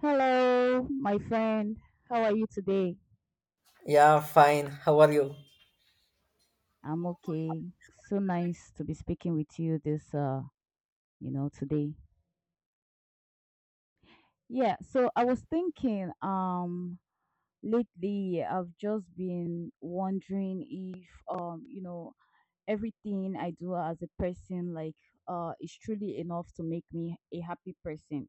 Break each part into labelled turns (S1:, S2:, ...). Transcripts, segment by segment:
S1: Hello, my friend. How are you today?
S2: Yeah, fine. How are you?
S1: I'm okay. So nice to be speaking with you this today. Yeah, so I was thinking lately I've just been wondering if everything I do as a person is truly enough to make me a happy person.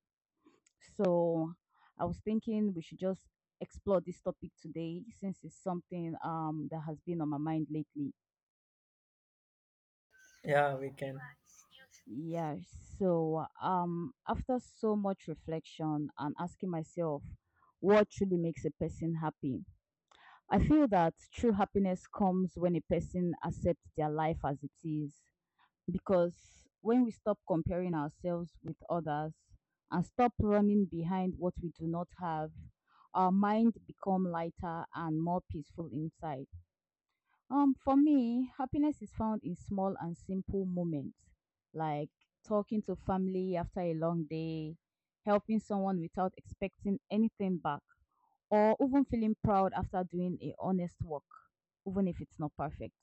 S1: So I was thinking we should just explore this topic today since it's something that has been on my mind lately.
S2: Yeah, we can.
S1: Yeah, After so much reflection and asking myself what truly makes a person happy, I feel that true happiness comes when a person accepts their life as it is. Because when we stop comparing ourselves with others and stop running behind what we do not have, our mind become lighter and more peaceful inside. For me, happiness is found in small and simple moments, like talking to family after a long day, helping someone without expecting anything back, or even feeling proud after doing a honest work, even if it's not perfect.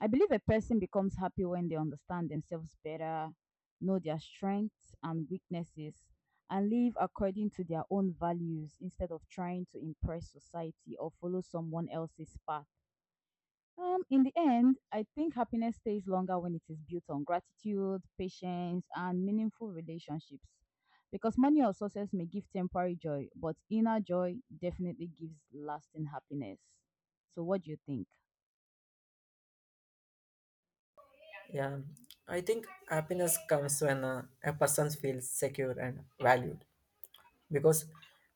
S1: I believe a person becomes happy when they understand themselves better, know their strengths and weaknesses, and live according to their own values instead of trying to impress society or follow someone else's path. In the end, I think happiness stays longer when it is built on gratitude, patience, and meaningful relationships. Because money or success may give temporary joy, but inner joy definitely gives lasting happiness. So, what do you think?
S2: Yeah. I think happiness comes when a person feels secure and valued because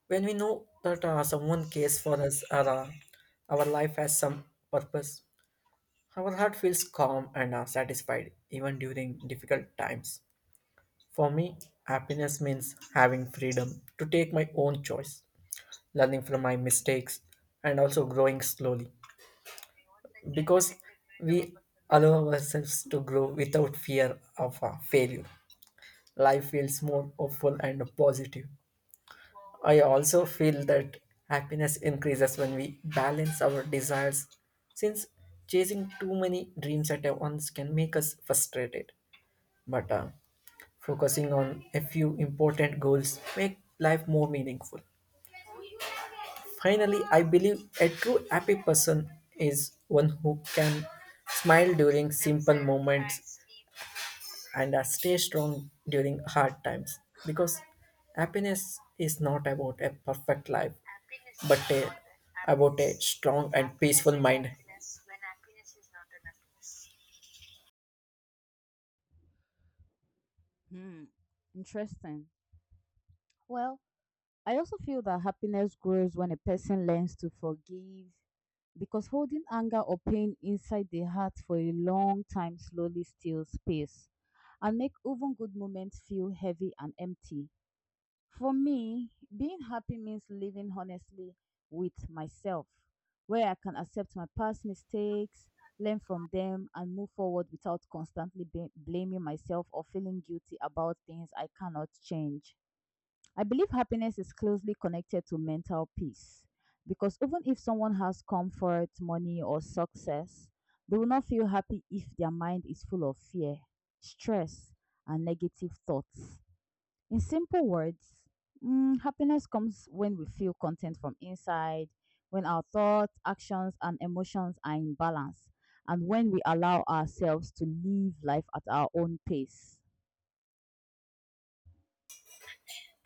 S2: when we know that someone cares for us or our life has some purpose, our heart feels calm and satisfied even during difficult times. For me, happiness means having freedom to take my own choice, learning from my mistakes, and also growing slowly because we allow ourselves to grow without fear of failure. Life feels more hopeful and positive. I also feel that happiness increases when we balance our desires, since chasing too many dreams at once can make us frustrated. But Focusing on a few important goals make life more meaningful. Finally, I believe a true happy person is one who can smile during simple moments and stay strong during hard times because happiness is not about a perfect life but a, about a strong and peaceful mind.
S1: Hmm. Interesting. Well, I also feel that happiness grows when a person learns to forgive because holding anger or pain inside the heart for a long time slowly steals space and make even good moments feel heavy and empty. For me, being happy means living honestly with myself, where I can accept my past mistakes, learn from them, and move forward without constantly blaming myself or feeling guilty about things I cannot change. I believe happiness is closely connected to mental peace because even if someone has comfort, money, or success, they will not feel happy if their mind is full of fear, stress, and negative thoughts. In simple words, happiness comes when we feel content from inside, when our thoughts, actions, and emotions are in balance, and when we allow ourselves to live life at our own pace.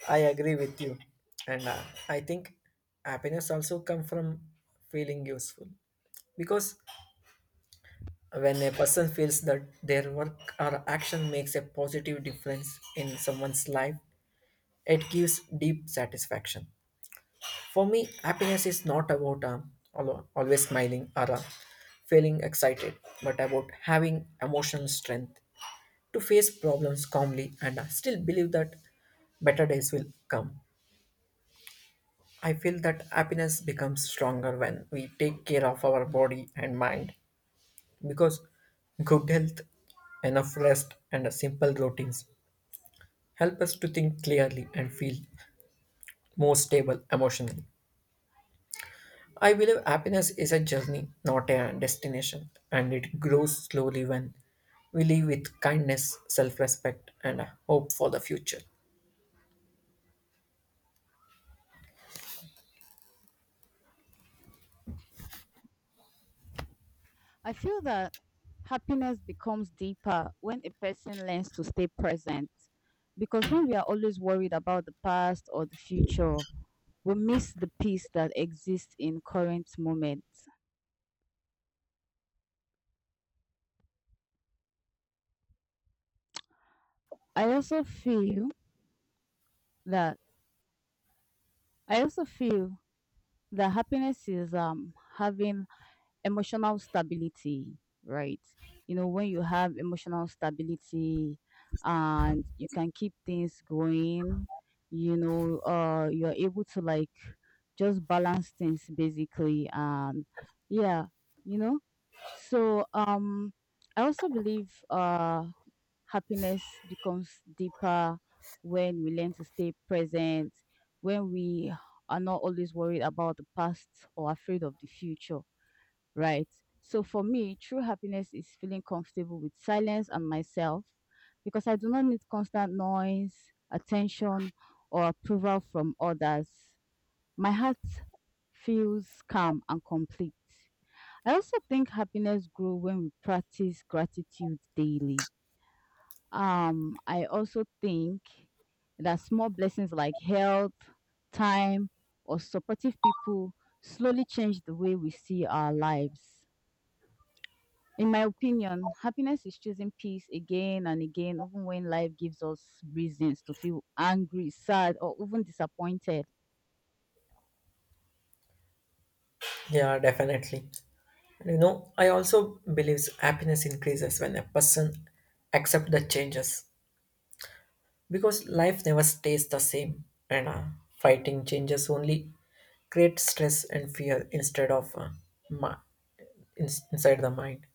S2: I agree with you, and I think happiness also comes from feeling useful because when a person feels that their work or action makes a positive difference in someone's life, it gives deep satisfaction. For me, happiness is not about always smiling or feeling excited, but about having emotional strength to face problems calmly and still believe that better days will come. I feel that happiness becomes stronger when we take care of our body and mind because good health, enough rest, and simple routines help us to think clearly and feel more stable emotionally. I believe happiness is a journey, not a destination, and it grows slowly when we live with kindness, self respect, and a hope for the future.
S1: I feel that happiness becomes deeper when a person learns to stay present. Because when we are always worried about the past or the future, we miss the peace that exists in current moment. I also feel that I also feel that happiness is having emotional stability, right? You know, when you have emotional stability and you can keep things going, you know, you're able to like just balance things basically. And yeah, you know, so I also believe happiness becomes deeper when we learn to stay present, when we are not always worried about the past or afraid of the future, right? So for me, true happiness is feeling comfortable with silence and myself because I do not need constant noise, attention, or approval from others. My heart feels calm and complete. I also think happiness grows when we practice gratitude daily. I also think that small blessings like health, time, or supportive people slowly change the way we see our lives. In my opinion, happiness is choosing peace again and again, even when life gives us reasons to feel angry, sad, or even disappointed.
S2: Yeah, definitely. And you know, I also believe happiness increases when a person accepts the changes because life never stays the same, and fighting changes only create stress and fear instead of mi- inside the mind.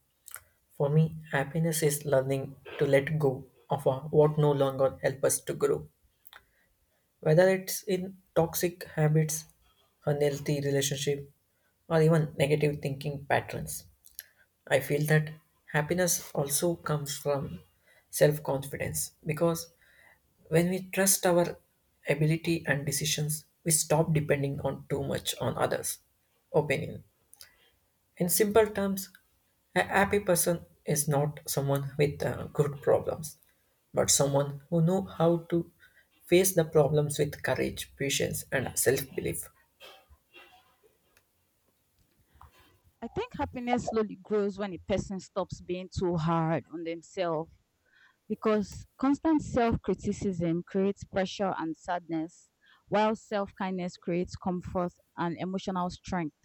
S2: For me, happiness is learning to let go of what no longer help us to grow. Whether it's in toxic habits, unhealthy relationship, or even negative thinking patterns. I feel that happiness also comes from self-confidence because when we trust our ability and decisions, we stop depending on too much on others' opinion. In simple terms, a happy person is not someone with good problems, but someone who know how to face the problems with courage, patience, and self-belief.
S1: I think happiness slowly grows when a person stops being too hard on themselves because constant self criticism creates pressure and sadness, while self kindness creates comfort and emotional strength.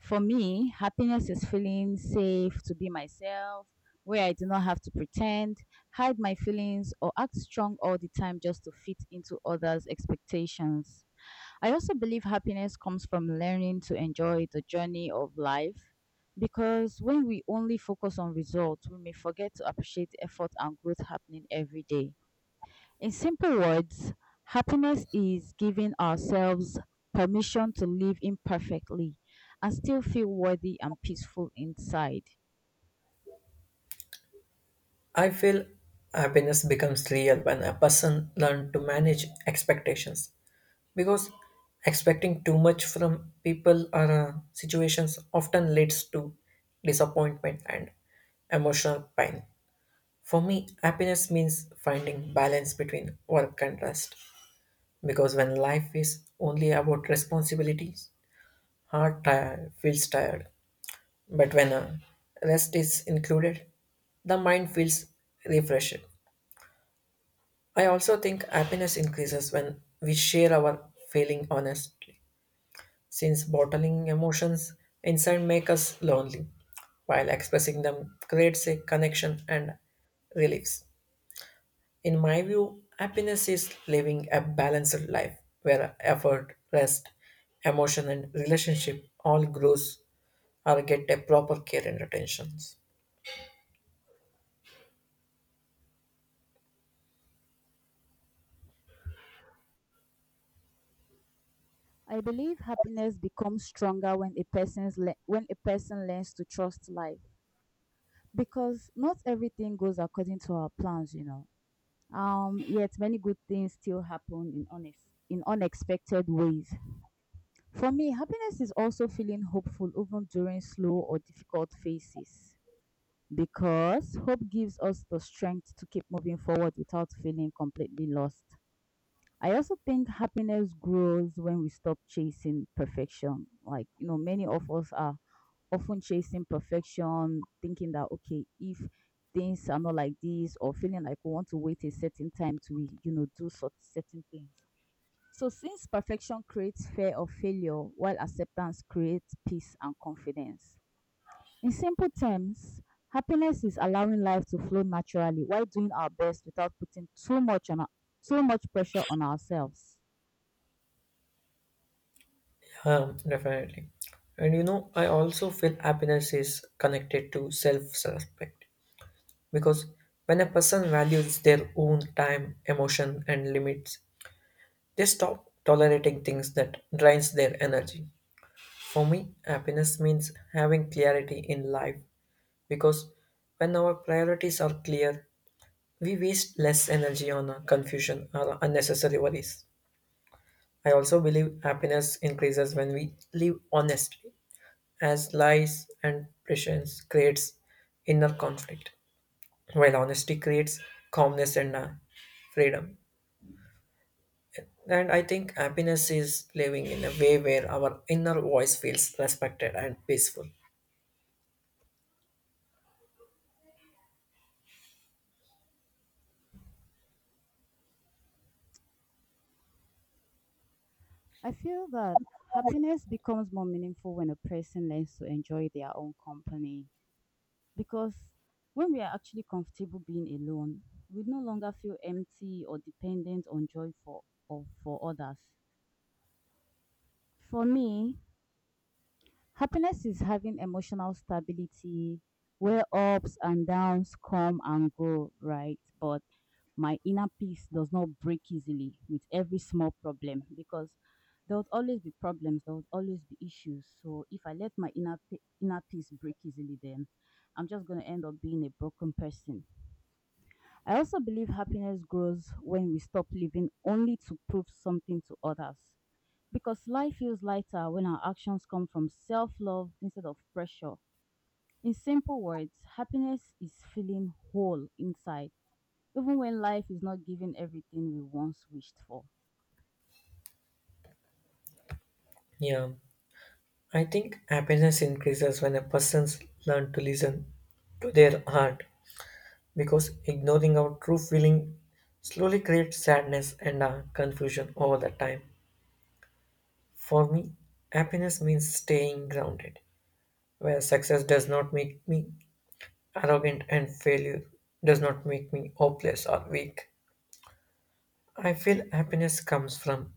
S1: For me, happiness is feeling safe to be myself, where I do not have to pretend, hide my feelings, or act strong all the time just to fit into others' expectations. I also believe happiness comes from learning to enjoy the journey of life because when we only focus on results, we may forget to appreciate effort and growth happening every day. In simple words, happiness is giving ourselves permission to live imperfectly and still feel worthy and peaceful inside.
S2: I feel happiness becomes real when a person learns to manage expectations because expecting too much from people or situations often leads to disappointment and emotional pain. For me, happiness means finding balance between work and rest. Because when life is only about responsibilities, heart feels tired. But when rest is included, the mind feels refreshed. I also think happiness increases when we share our feeling honestly, since bottling emotions inside make us lonely, while expressing them creates a connection and relief. In my view, happiness is living a balanced life where effort, rest, emotion, and relationship all grows or get a proper care and attentions.
S1: I believe happiness becomes stronger when when a person learns to trust life because not everything goes according to our plans, you know. Yet many good things still happen in in unexpected ways. For me, happiness is also feeling hopeful even during slow or difficult phases, because hope gives us the strength to keep moving forward without feeling completely lost. I also think happiness grows when we stop chasing perfection. Like, you know, many of us are often chasing perfection, thinking that, okay, if things are not like this, or feeling like we want to wait a certain time to, you know, do sort certain things. So, since perfection creates fear of failure, while acceptance creates peace and confidence. In simple terms, happiness is allowing life to flow naturally while doing our best without putting too much on our, too much pressure on ourselves.
S2: Definitely. And you know, I also feel happiness is connected to self-respect because when a person values their own time, emotion, and limits, they stop tolerating things that drains their energy. For me, happiness means having clarity in life because when our priorities are clear, we waste less energy on confusion or unnecessary worries. I also believe happiness increases when we live honestly, as lies and pretense creates inner conflict, while honesty creates calmness and freedom. And I think happiness is living in a way where our inner voice feels respected and peaceful.
S1: I feel that happiness becomes more meaningful when a person learns to enjoy their own company because when we are actually comfortable being alone, we no longer feel empty or dependent on joy for or for others. For me, happiness is having emotional stability where ups and downs come and go, right? But my inner peace does not break easily with every small problem because there would always be problems, there would always be issues. So if I let my inner peace break easily, then I'm just going to end up being a broken person. I also believe happiness grows when we stop living only to prove something to others. Because life feels lighter when our actions come from self love instead of pressure. In simple words, happiness is feeling whole inside, even when life is not giving everything we once wished for.
S2: Yeah, I think happiness increases when a person learns to listen to their heart because ignoring our true feeling slowly creates sadness and confusion over the time. For me, happiness means staying grounded, where success does not make me arrogant and failure does not make me hopeless or weak. I feel happiness comes from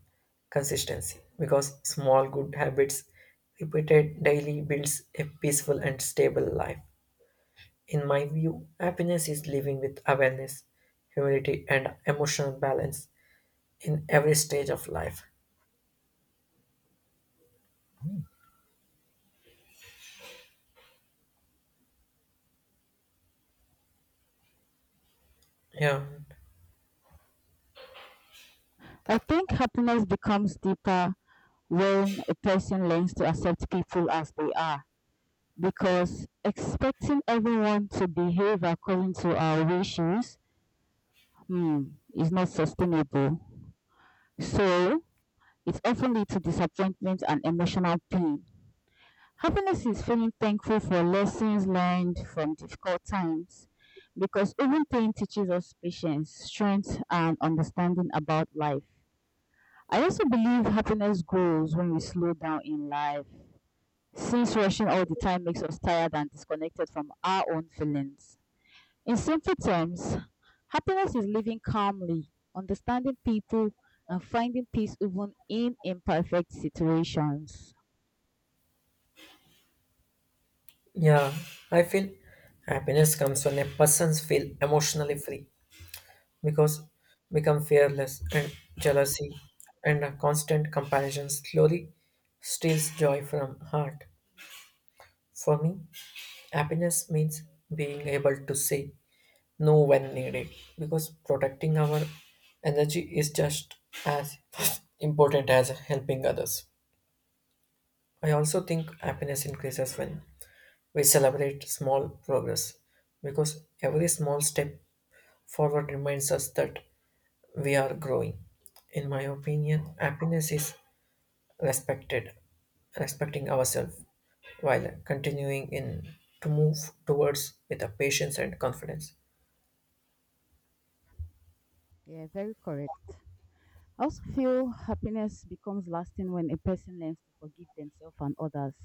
S2: consistency because small good habits repeated daily builds a peaceful and stable life. In my view, happiness is living with awareness, humility, and emotional balance in every stage of life. Yeah,
S1: I think happiness becomes deeper when a person learns to accept people as they are because expecting everyone to behave according to our wishes, hmm, is not sustainable. So it often leads to disappointment and emotional pain. Happiness is feeling thankful for lessons learned from difficult times because even pain teaches us patience, strength, and understanding about life. I also believe happiness grows when we slow down in life, since rushing all the time makes us tired and disconnected from our own feelings. In simple terms, happiness is living calmly, understanding people, and finding peace even in imperfect situations.
S2: yeah, I feel happiness comes when a person feels emotionally free because become fearless and jealousy and a constant comparison slowly steals joy from heart. For me, happiness means being able to say no, when needed, because protecting our energy is just as important as helping others. I also think happiness increases when we celebrate small progress, because every small step forward reminds us that we are growing. In my opinion, happiness is respected, respecting ourselves while continuing in to move towards with a patience and confidence.
S1: Yeah, very correct. I also feel happiness becomes lasting when a person learns to forgive themselves and others.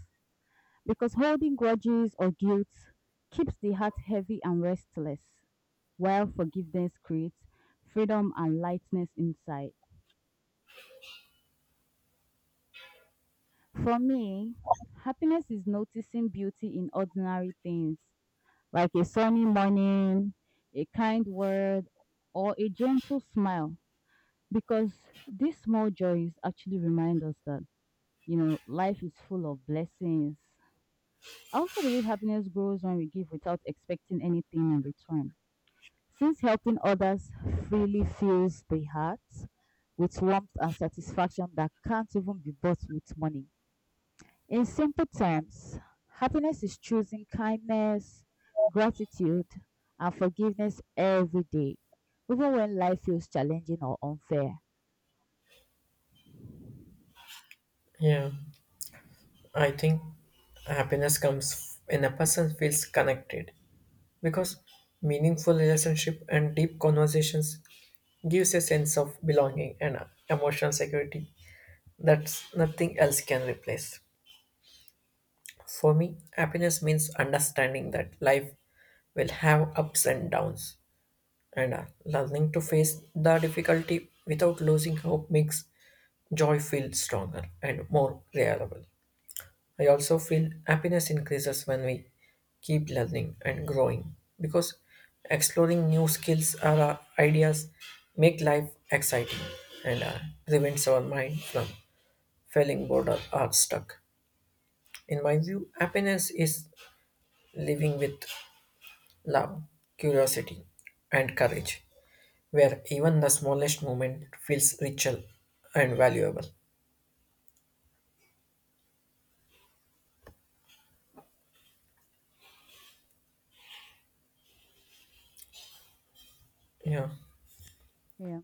S1: Because holding grudges or guilt keeps the heart heavy and restless, while forgiveness creates freedom and lightness inside. For me, happiness is noticing beauty in ordinary things, like a sunny morning, a kind word, or a gentle smile. Because these small joys actually remind us that, you know, life is full of blessings. I also believe happiness grows when we give without expecting anything in return. Since helping others freely fills the heart with warmth and satisfaction that can't even be bought with money. In simple terms, happiness is choosing kindness, gratitude, and forgiveness every day, even when life feels challenging or unfair.
S2: Yeah. I think happiness comes when a person feels connected because meaningful relationship and deep conversations gives a sense of belonging and emotional security that nothing else can replace. For me, happiness means understanding that life will have ups and downs and learning to face the difficulty without losing hope makes joy feel stronger and more reliable. I also feel happiness increases when we keep learning and growing because exploring new skills or ideas make life exciting and prevents our mind from feeling bored or stuck. In my view, happiness is living with love, curiosity, and courage, where even the smallest moment feels richer and valuable. Yeah,
S1: Yeah.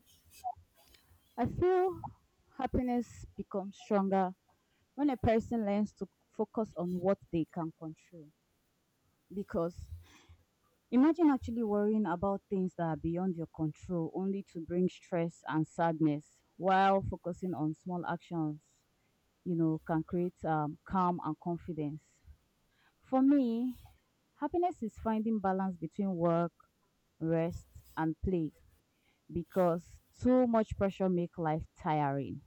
S1: I feel happiness becomes stronger when a person learns to focus on what they can control. Because imagine actually worrying about things that are beyond your control only to bring stress and sadness while focusing on small actions, you know, can create calm and confidence. For me, happiness is finding balance between work, rest, and play because too much pressure makes life tiring.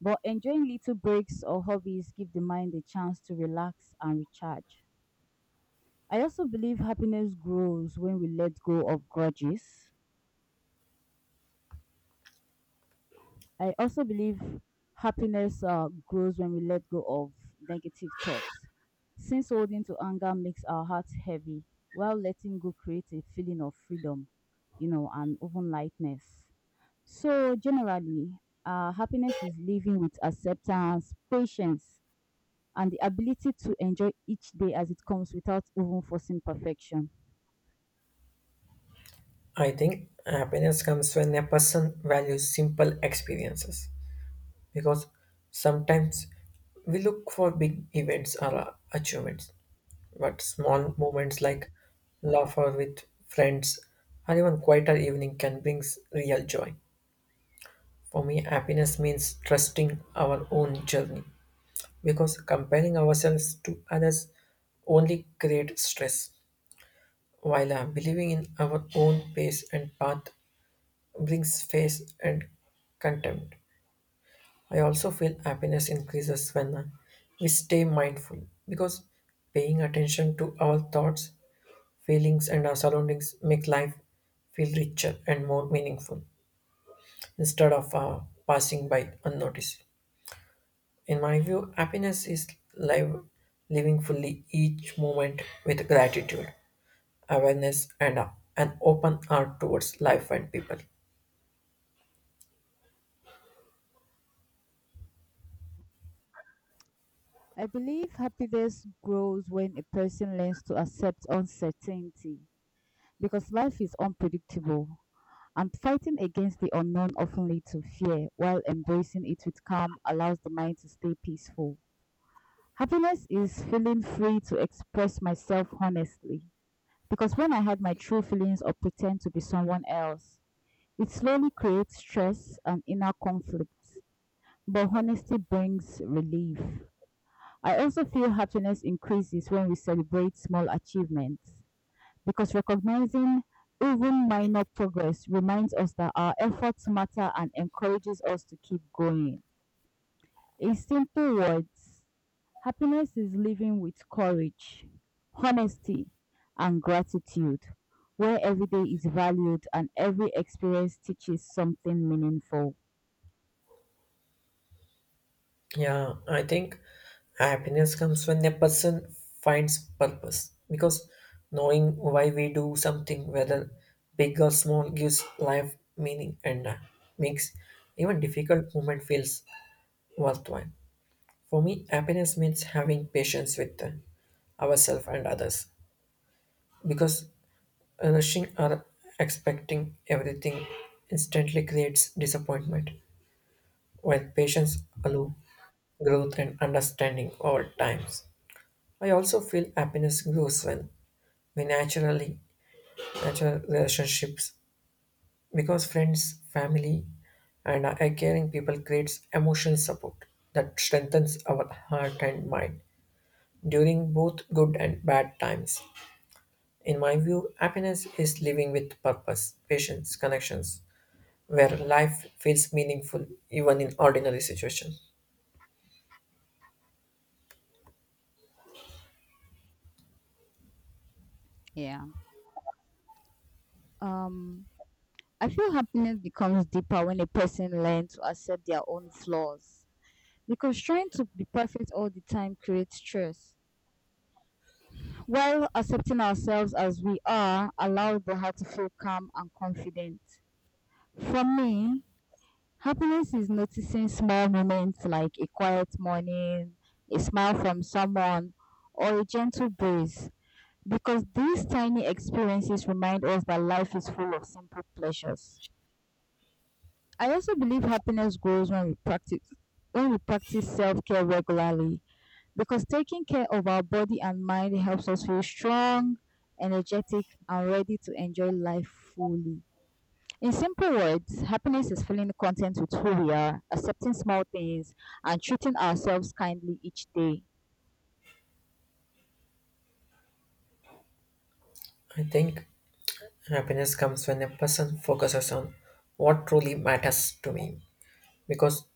S1: But enjoying little breaks or hobbies give the mind a chance to relax and recharge. I also believe happiness grows when we let go of grudges, I also believe happiness grows when we let go of negative thoughts, since holding to anger makes our hearts heavy, while letting go creates a feeling of freedom, you know, and even lightness. So, generally, happiness is living with acceptance, patience, and the ability to enjoy each day as it comes without even forcing perfection.
S2: I think happiness comes when a person values simple experiences because sometimes we look for big events or achievements, but small moments like laughter with friends or even quieter evening can bring real joy. For me, happiness means trusting our own journey because comparing ourselves to others only creates stress, while believing in our own pace and path brings faith and contempt. I also feel happiness increases when we stay mindful because paying attention to our thoughts, feelings, and our surroundings make life feel richer and more meaningful instead of passing by unnoticed. In my view, happiness is live, living fully each moment with gratitude, awareness, and an open heart towards life and people.
S1: I believe happiness grows when a person learns to accept uncertainty because life is unpredictable, and fighting against the unknown often leads to fear, while embracing it with calm allows the mind to stay peaceful. Happiness is feeling free to express myself honestly, because when I hide my true feelings or pretend to be someone else, it slowly creates stress and inner conflict. But honesty brings relief. I also feel happiness increases when we celebrate small achievements because recognizing even minor progress reminds us that our efforts matter and encourages us to keep going. In simple words, happiness is living with courage, honesty, and gratitude, where every day is valued and every experience teaches something meaningful.
S2: Yeah, I think happiness comes when a person finds purpose because knowing why we do something, whether big or small, gives life meaning and makes even difficult moment feels worthwhile. For me, happiness means having patience with ourselves and others because rushing or expecting everything instantly creates disappointment, while patience allows growth and understanding over times. I also feel happiness grows when we natural relationships because friends, family, and our caring people creates emotional support that strengthens our heart and mind during both good and bad times. In my view, happiness is living with purpose, patience, connections, where life feels meaningful even in ordinary situations.
S1: Yeah. Um, I feel happiness becomes deeper when a person learns to accept their own flaws because trying to be perfect all the time creates stress. While accepting ourselves as we are allows the heart to feel calm and confident. For me, happiness is noticing small moments like a quiet morning, a smile from someone, or a gentle breeze, because these tiny experiences remind us that life is full of simple pleasures. I also believe happiness grows when we practice self-care regularly because taking care of our body and mind helps us feel strong, energetic, and ready to enjoy life fully. In simple words, happiness is feeling content with who we are, accepting small things, and treating ourselves kindly each day.
S2: I think happiness comes when a person focuses on what truly matters to me because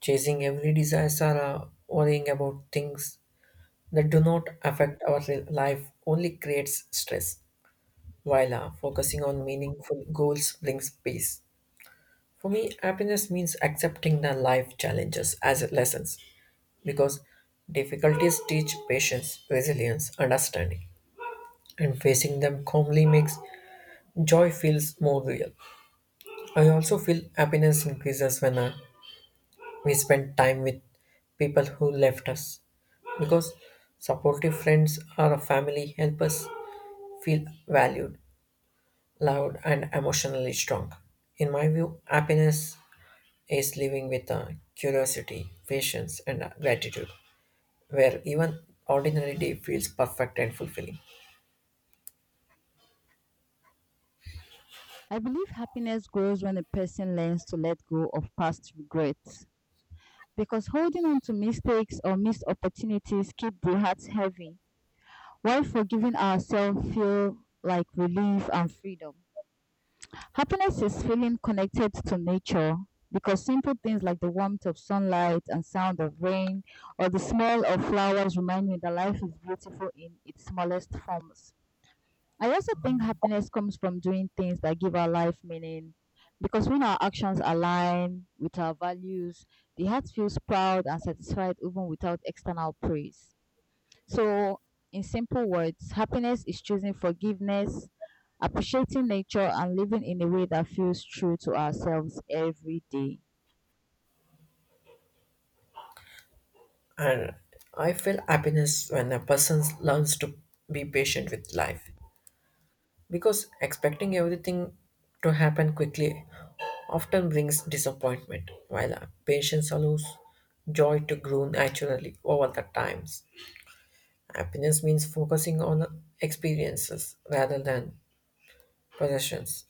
S2: chasing every desire or worrying about things that do not affect our life only creates stress while focusing on meaningful goals brings peace. For me, happiness means accepting the life challenges as lessons because difficulties teach patience resilience understanding, and facing them calmly makes joy feels more real. I also feel happiness increases when I. we spend time with people who left us because supportive friends or a family help us feel valued, loved and emotionally strong. In my view, happiness is living with curiosity, patience, and gratitude, where even ordinary day feels perfect and fulfilling.
S1: I believe happiness grows when a person learns to let go of past regrets because holding on to mistakes or missed opportunities keep the heart heavy, while forgiving ourselves feel like relief and freedom. Happiness is feeling connected to nature because simple things like the warmth of sunlight and sound of rain or the smell of flowers remind me that life is beautiful in its smallest forms. I also think happiness comes from doing things that give our life meaning because when our actions align with our values, the heart feels proud and satisfied even without external praise. So, in simple words, happiness is choosing forgiveness, appreciating nature, and living in a way that feels true to ourselves every day.
S2: And I feel happiness when a person learns to be patient with life because expecting everything to happen quickly often brings disappointment, while patience allows joy to grow naturally over the times. Happiness means focusing on experiences rather than possessions,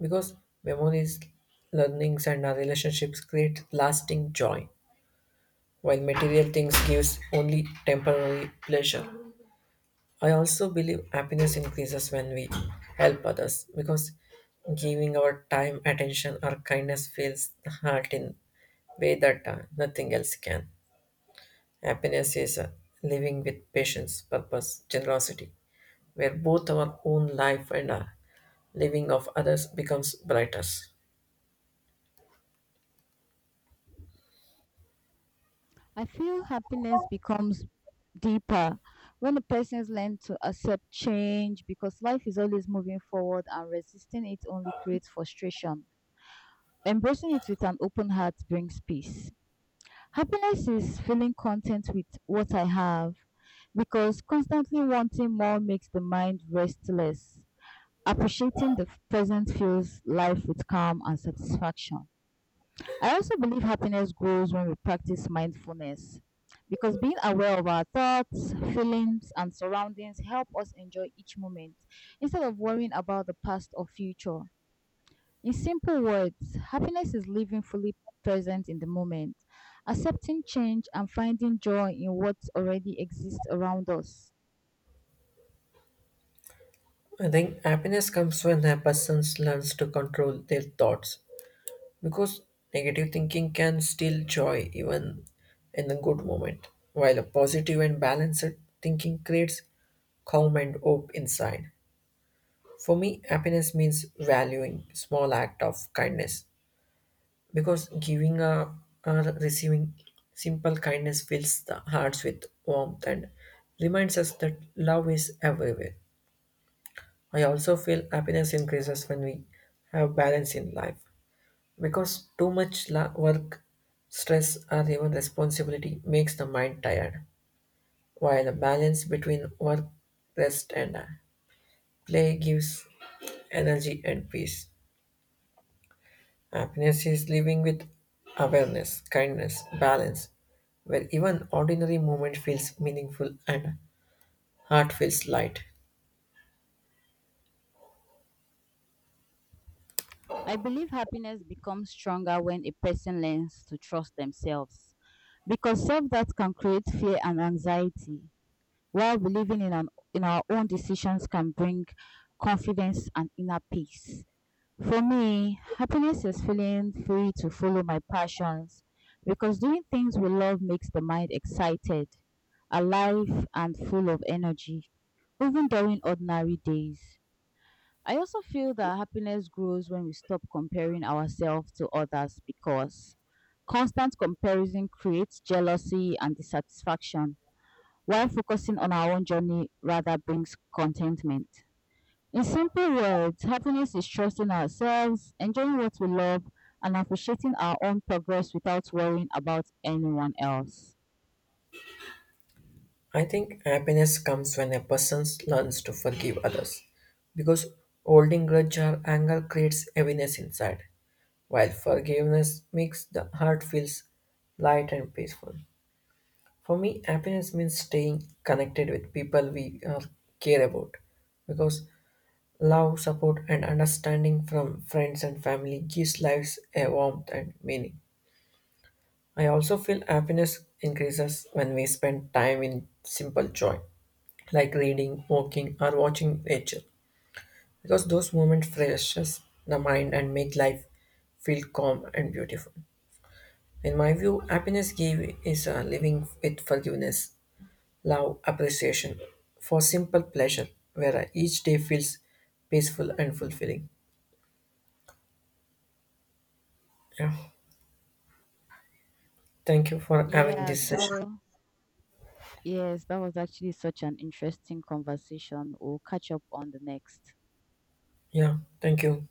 S2: because memories, learnings, and our relationships create lasting joy, while material things gives only temporary pleasure. I also believe happiness increases when we help others because giving our time, attention, or kindness fills the heart in way that nothing else can. Happiness is living with patience, purpose, generosity, where both our own life and living of others becomes brighter.
S1: I feel happiness becomes deeper when a person learns to accept change because life is always moving forward and resisting it only creates frustration. Embracing it with an open heart brings peace. Happiness is feeling content with what I have because constantly wanting more makes the mind restless. Appreciating the present fills life with calm and satisfaction. I also believe happiness grows when we practice mindfulness because being aware of our thoughts, feelings, and surroundings help us enjoy each moment instead of worrying about the past or future. In simple words, happiness is living fully present in the moment, accepting change and finding joy in what already exists around us.
S2: I think happiness comes when a person learns to control their thoughts. Because negative thinking can steal joy even in the good moment, while a positive and balanced thinking creates calm and hope inside. For me, happiness means valuing small act of kindness because giving a or receiving simple kindness fills the hearts with warmth and reminds us that love is everywhere. I also feel happiness increases when we have balance in life. Because too much work, stress, or even responsibility makes the mind tired, while a balance between work, rest, and play gives energy and peace. Happiness is living with awareness, kindness, balance, where even ordinary moment feels meaningful and heart feels light.
S1: I believe happiness becomes stronger when a person learns to trust themselves because self doubt can create fear and anxiety, while in our own decisions can bring confidence and inner peace. For me, happiness is feeling free to follow my passions because doing things we love makes the mind excited, alive, and full of energy, even during ordinary days. I also feel that happiness grows when we stop comparing ourselves to others because constant comparison creates jealousy and dissatisfaction, while focusing on our own journey rather brings contentment. In simple words, happiness is trusting ourselves, enjoying what we love, and appreciating our own progress without worrying about anyone else.
S2: I think happiness comes when a person learns to forgive others, because holding grudge or anger creates heaviness inside. While forgiveness makes the heart feels light and peaceful. For me, happiness means staying connected with people we care about because love, support, and understanding from friends and family gives lives a warmth and meaning. I also feel happiness increases when we spend time in simple joy, like reading, walking, or watching nature, because those moments refreshes the mind and make life feel calm and beautiful. In my view, happiness give is living with forgiveness, love, appreciation for simple pleasure, where each day feels peaceful and fulfilling. Yeah. Thank you for having
S1: Yeah,
S2: this session.
S1: so yes, that was actually such an interesting conversation. We'll catch up on the next.
S2: Yeah. Thank you.